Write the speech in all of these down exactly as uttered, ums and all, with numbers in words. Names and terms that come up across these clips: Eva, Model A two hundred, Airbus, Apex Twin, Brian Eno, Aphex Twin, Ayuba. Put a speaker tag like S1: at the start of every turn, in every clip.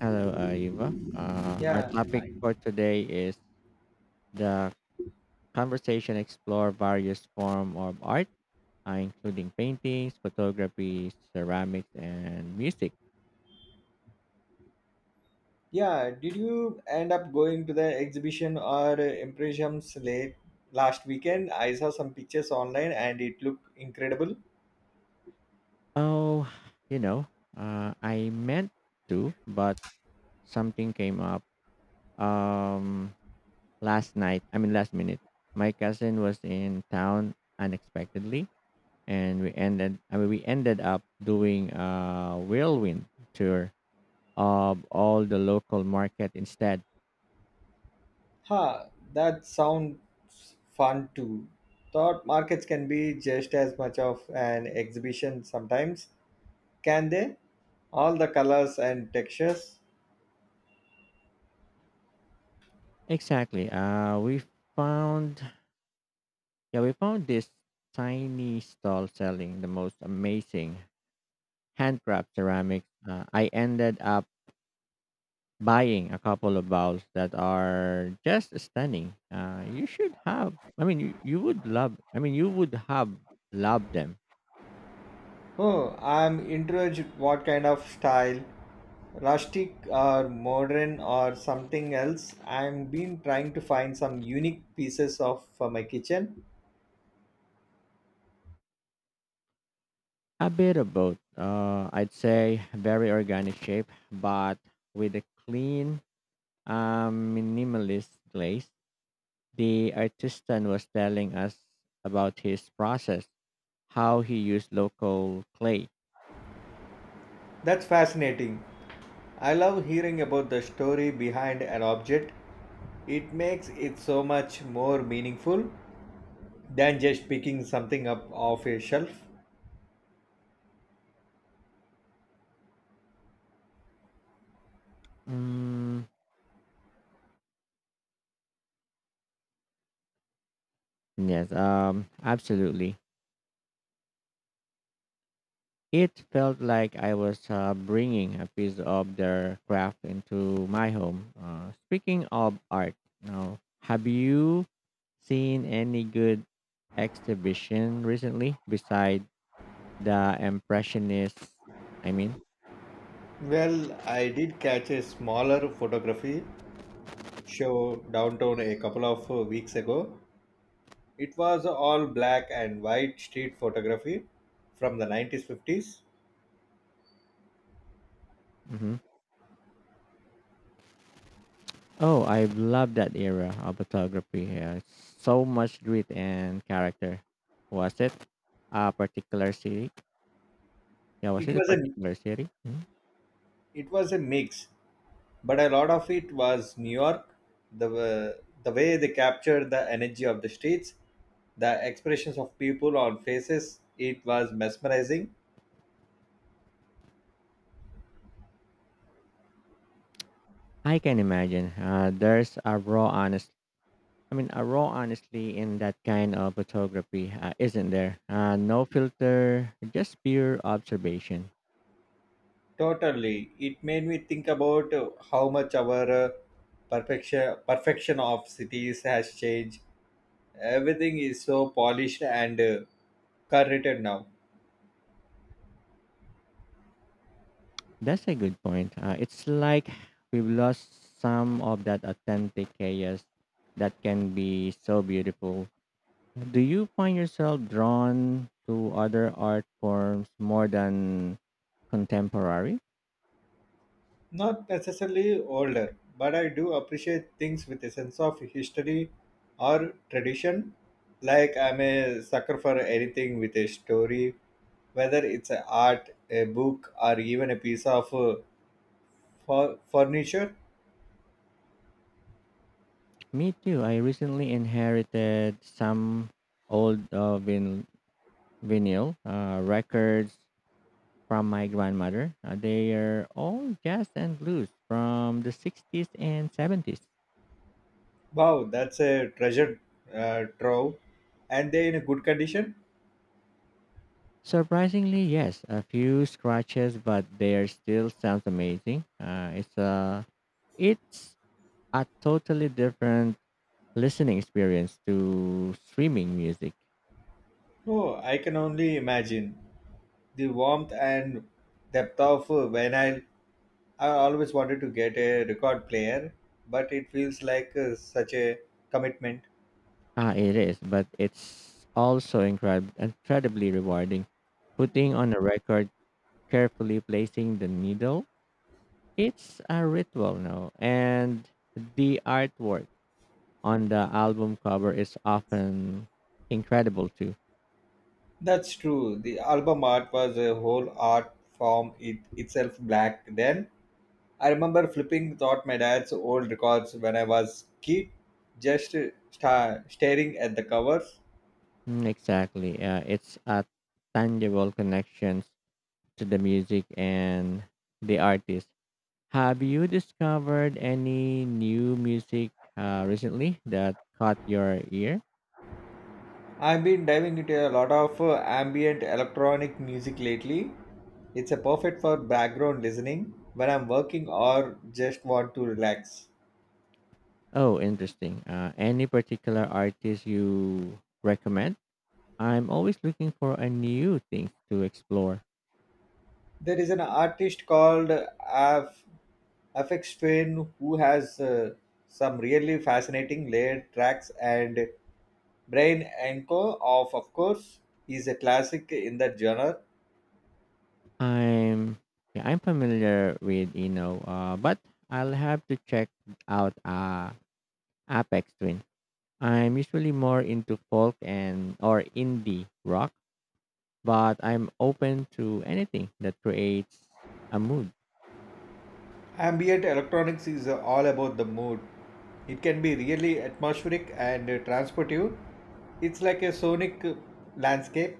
S1: Hello, uh, Eva. Uh, our
S2: Yeah,
S1: topic
S2: I-
S1: for today is the conversation explore various form of art, uh, including paintings, photography, ceramics, and music.
S2: yeah. Did you end up going to the exhibition or uh, impressions late last weekend? I saw some pictures online and it looked incredible.
S1: Oh, you know, uh, I meant to, but something came up um, last night. I mean, last minute. My cousin was in town unexpectedly, and we ended. I mean, we ended up doing a whirlwind tour of all the local market instead.
S2: Ha, that sounds fun too. Thought markets can be just as much of an exhibition sometimes, can they? All the colors and textures.
S1: Exactly. Uh, we found yeah we found this tiny stall selling the most amazing handcraft ceramics. Uh, I ended up buying a couple of bowls that are just stunning. Uh, you should have. I mean, you, you would love. I mean, you would have loved them.
S2: Oh, I'm interested what kind of style, rustic or modern or something else. I've been trying to find some unique pieces of for my kitchen.
S1: A bit of both. Uh, I'd say very organic shape, but with a clean, um, minimalist glaze. The artisan was telling us about his process, how he used local clay.
S2: That's fascinating. I love hearing about the story behind an object. It makes it so much more meaningful than just picking something up off a shelf.
S1: Mm, yes, um, absolutely. It felt like I was uh, bringing a piece of their craft into my home. Uh, speaking of art, now, have you seen any good exhibition recently beside the Impressionists? I mean,
S2: Well, I did catch a smaller photography show downtown a couple of uh, weeks ago. It was all black and white street photography from the nineteen fifties.
S1: mhm. Oh, I love that era of photography. Uh, so much grit and character. Was it a particular city? Yeah, was
S2: It
S1: it a
S2: was a
S1: particular city? Mhm.
S2: it was a mix, but a lot of it was New York. The wa- the way they captured the energy of the streets, the expressions of people on faces, it was mesmerizing.
S1: I can imagine. Uh, there's a raw honest. I mean, A raw honestly in that kind of photography, uh, isn't there? Uh, no filter, just pure observation.
S2: Totally, it made me think about uh, how much our uh, perfection perfection of cities has changed. Everything is so polished and uh, curated now.
S1: That's a good point. Uh, it's like we've lost some of that authentic chaos that can be so beautiful. Do you find yourself drawn to other art forms more than contemporary?
S2: Not necessarily older, but I do appreciate things with a sense of history or tradition. Like I'm a sucker for anything with a story, whether it's a art, a book, or even a piece of uh, fu- furniture.
S1: Me too. I recently inherited some old uh, vin- vinyl uh, records from my grandmother. Uh, they are all jazz and blues from the sixties and seventies.
S2: Wow, that's a treasure uh, trove, and they're in a good condition.
S1: Surprisingly, yes, a few scratches, but they are still sounds amazing. Uh, it's a it's a totally different listening experience to streaming music.
S2: Oh, I can only imagine the warmth and depth of uh, vinyl. I always wanted to get a record player, but it feels like uh, such a commitment.
S1: Ah, it is, but it's also incredible, incredibly rewarding. Putting on a record, carefully placing the needle, it's a ritual now. And the artwork on the album cover is often incredible too.
S2: That's true. The album art was a whole art form it itself black then. I remember flipping thought my dad's old records when I was kid, just uh, sta staring at the covers.
S1: Mm, exactly. Uh, it's a tangible connection to the music and the artist. Have you discovered any new music uh, recently that caught your ear?
S2: I've been diving into a lot of uh, ambient electronic music lately. It's a perfect for background listening when I'm working or just want to relax.
S1: Oh, interesting. Uh, any particular artist you recommend? I'm always looking for a new things to explore.
S2: There is an artist called Af Afex Twin who has uh, some really fascinating layered tracks, and Brain Enko of of course is a classic in that genre.
S1: I'm yeah, I'm familiar with you know, uh, but I'll have to check out uh, Apex Twin. I'm usually more into folk and or indie rock, but I'm open to anything that creates a mood.
S2: Ambient electronics is all about the mood. It can be really atmospheric and transportive. It's like a sonic landscape.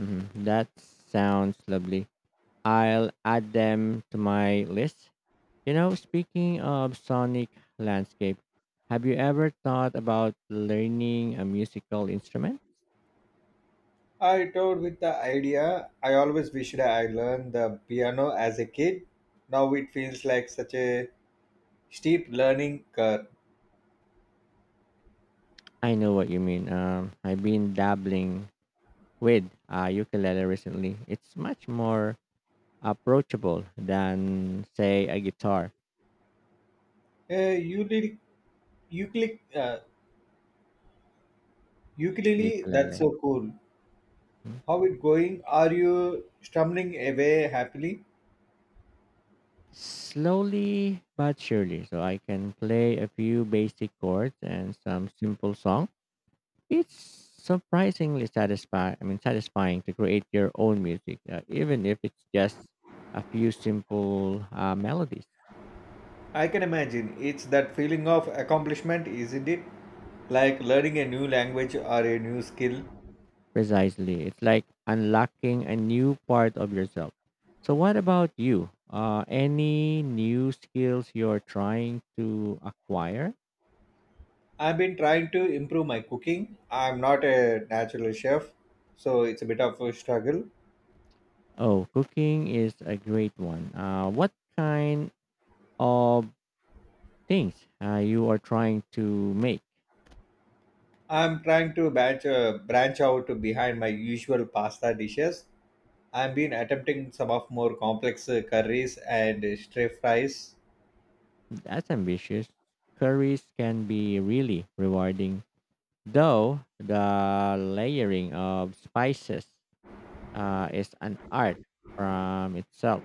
S1: Mhm. That sounds lovely. I'll add them to my list. You know, speaking of sonic landscape, have you ever thought about learning a musical instrument?
S2: I toured with the idea. I always wished I learned the piano as a kid. Now it feels like such a steep learning curve.
S1: I know what you mean. Um, I've been dabbling with a ukulele recently. It's much more approachable than, say, a guitar
S2: Uh, you did, you click, uh, ukulele. That's
S1: ukulele.
S2: so cool.
S1: Mm.
S2: How it going? Are you stumbling away happily?
S1: Slowly but surely, so I can play a few basic chords and some simple songs. It's surprisingly satisfying. I mean, satisfying to create your own music, uh, even if it's just a few simple uh, melodies.
S2: I can imagine. It's that feeling of accomplishment, isn't it? Like learning a new language or a new skill.
S1: Precisely, it's like unlocking a new part of yourself. So, what about you? Uh, any new skills you're trying to acquire?
S2: I've been trying to improve my cooking. I'm not a natural chef, so it's a bit of a struggle.
S1: Oh, cooking is a great one. Uh, what kind of things uh, you are trying to make?
S2: I'm trying to branch, uh, branch out behind my usual pasta dishes. I've been attempting some of more complex uh, curries and uh, stir fries.
S1: That's ambitious. Curries can be really rewarding, though the layering of spices uh, is an art from itself.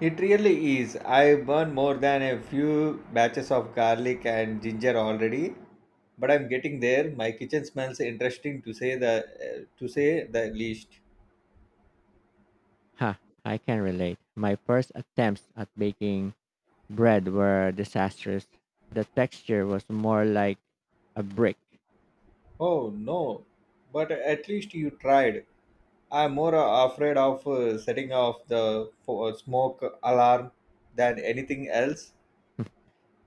S2: It really is. I burned more than a few batches of garlic and ginger already, but I'm getting there. My kitchen smells interesting to say the uh, to say the least.
S1: Ha, I can relate. My first attempts at baking bread were disastrous. The texture was more like a brick.
S2: Oh no, but at least you tried. I'm more uh, afraid of uh, setting off the fo- uh, smoke alarm than anything else.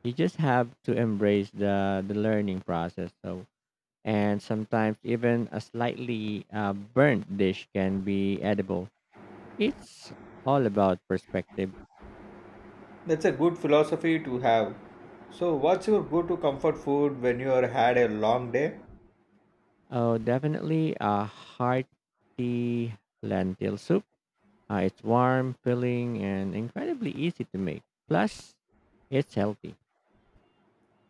S1: You just have to embrace the, the learning process. So, and sometimes even a slightly uh, burnt dish can be edible. It's all about perspective.
S2: That's a good philosophy to have. So, what's your go to comfort food when you are had a long day?
S1: Oh, definitely a hearty lentil soup. Uh, it's warm, filling, and incredibly easy to make. Plus, it's healthy.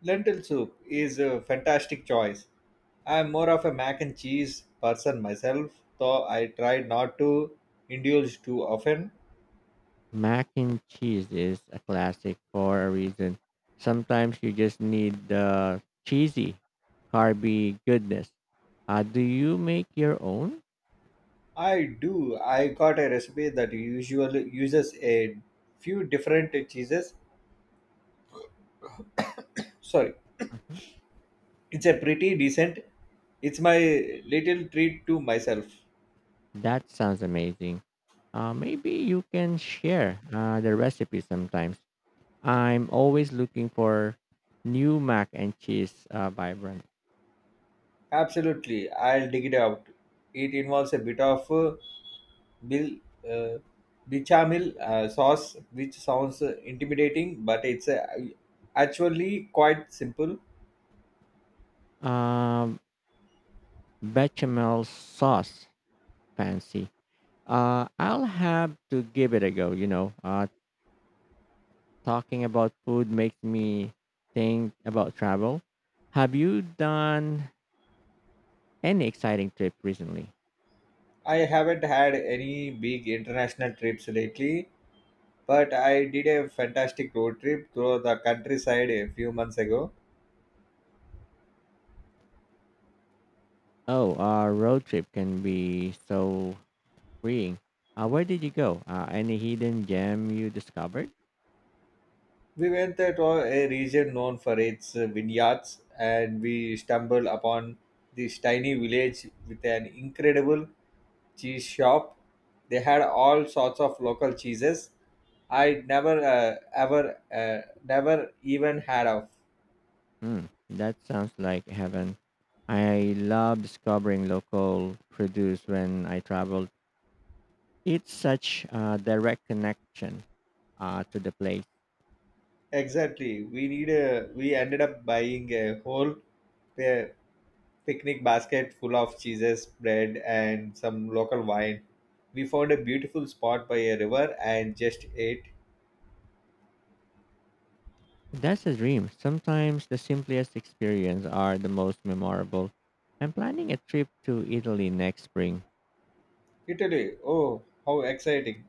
S2: Lentil soup is a fantastic choice. I'm more of a mac and cheese person myself, though I try not to indulge too often.
S1: Mac and cheese is a classic for a reason. Sometimes you just need the cheesy, carby goodness. Uh, do you make your own?
S2: I do. I got a recipe that usually uses a few different cheeses. Sorry, it's a pretty decent. It's my little treat to myself.
S1: That sounds amazing. Uh, maybe you can share uh, the recipe sometimes. I'm always looking for new mac and cheese uh, vibrant.
S2: Absolutely, I'll dig it out. It involves a bit of uh, bil, uh, bichamel uh, sauce, which sounds uh, intimidating, but it's uh, actually quite simple.
S1: Um, Bechamel sauce fancy. Uh, I'll have to give it a go. You know, uh, talking about food makes me think about travel. Have you done any exciting trip recently?
S2: I haven't had any big international trips lately, but I did a fantastic road trip through the countryside a few months ago.
S1: Oh, a road trip can be so freeing. Uh, where did you go? Uh, any hidden gem you discovered?
S2: We went to a region known for its vineyards and we stumbled upon this tiny village with an incredible cheese shop. They had all sorts of local cheeses I never uh, ever uh, never even had of.
S1: Hmm, that sounds like heaven. I love discovering local produce when I travel. It's such a direct connection uh, to the place.
S2: Exactly. We need a, we ended up buying a whole pa- picnic basket full of cheeses, bread, and some local wine. We found a beautiful spot by a river and just ate.
S1: That's a dream. Sometimes the simplest experience are the most memorable. I'm planning a trip to Italy next spring.
S2: Italy. Oh, how exciting.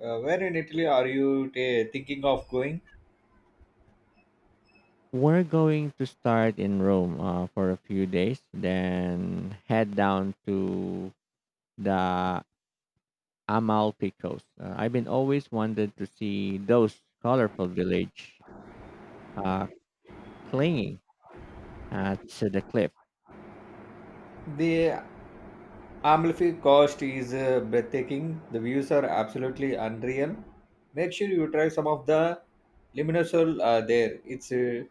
S2: Uh, where in Italy are you ta thinking of going?
S1: We're going to start in Rome uh, for a few days, then head down to the Amalfi Coast. Uh, I've been always wanted to see those colorful village uh, clinging uh, to the cliff.
S2: The Amalfi Coast is uh, breathtaking. The views are absolutely unreal. Make sure you try some of the Limoncello uh, there. It's uh,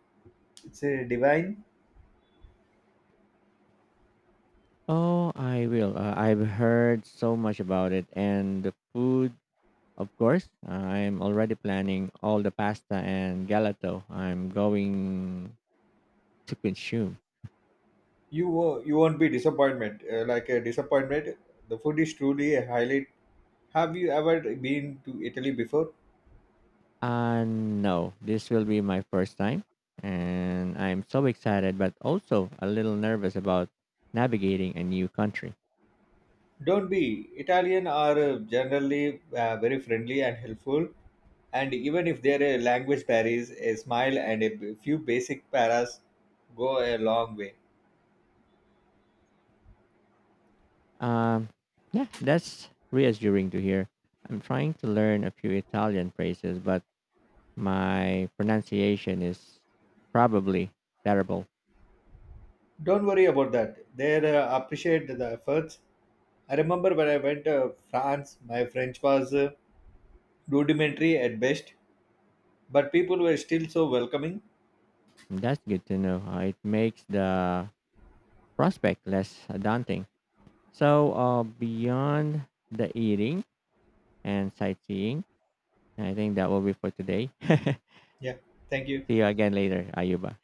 S2: it's uh, divine.
S1: Oh, I will. Uh, I've heard so much about it, and the food, of course. I'm already planning all the pasta and galato I'm going to consume.
S2: You wo- you won't be disappointed. Uh, like a disappointment. The food is truly a highlight. Have you ever been to Italy before?
S1: Uh, no, this will be my first time, and I'm so excited, but also a little nervous about navigating a new country.
S2: Don't be. Italian are uh, generally uh, very friendly and helpful. And even if there are language barriers, a smile and a b- few basic paras go a long way.
S1: Um, yeah, that's reassuring to hear. I'm trying to learn a few Italian phrases, but my pronunciation is probably terrible.
S2: Don't worry about that. They uh, appreciate the efforts. I remember when I went to France, my French was uh, rudimentary at best, but people were still so welcoming.
S1: That's good to know. Uh, It makes the prospect less daunting. So, uh, beyond the eating and sightseeing, I think that will be for today.
S2: Yeah, thank you.
S1: See you again later, Ayuba.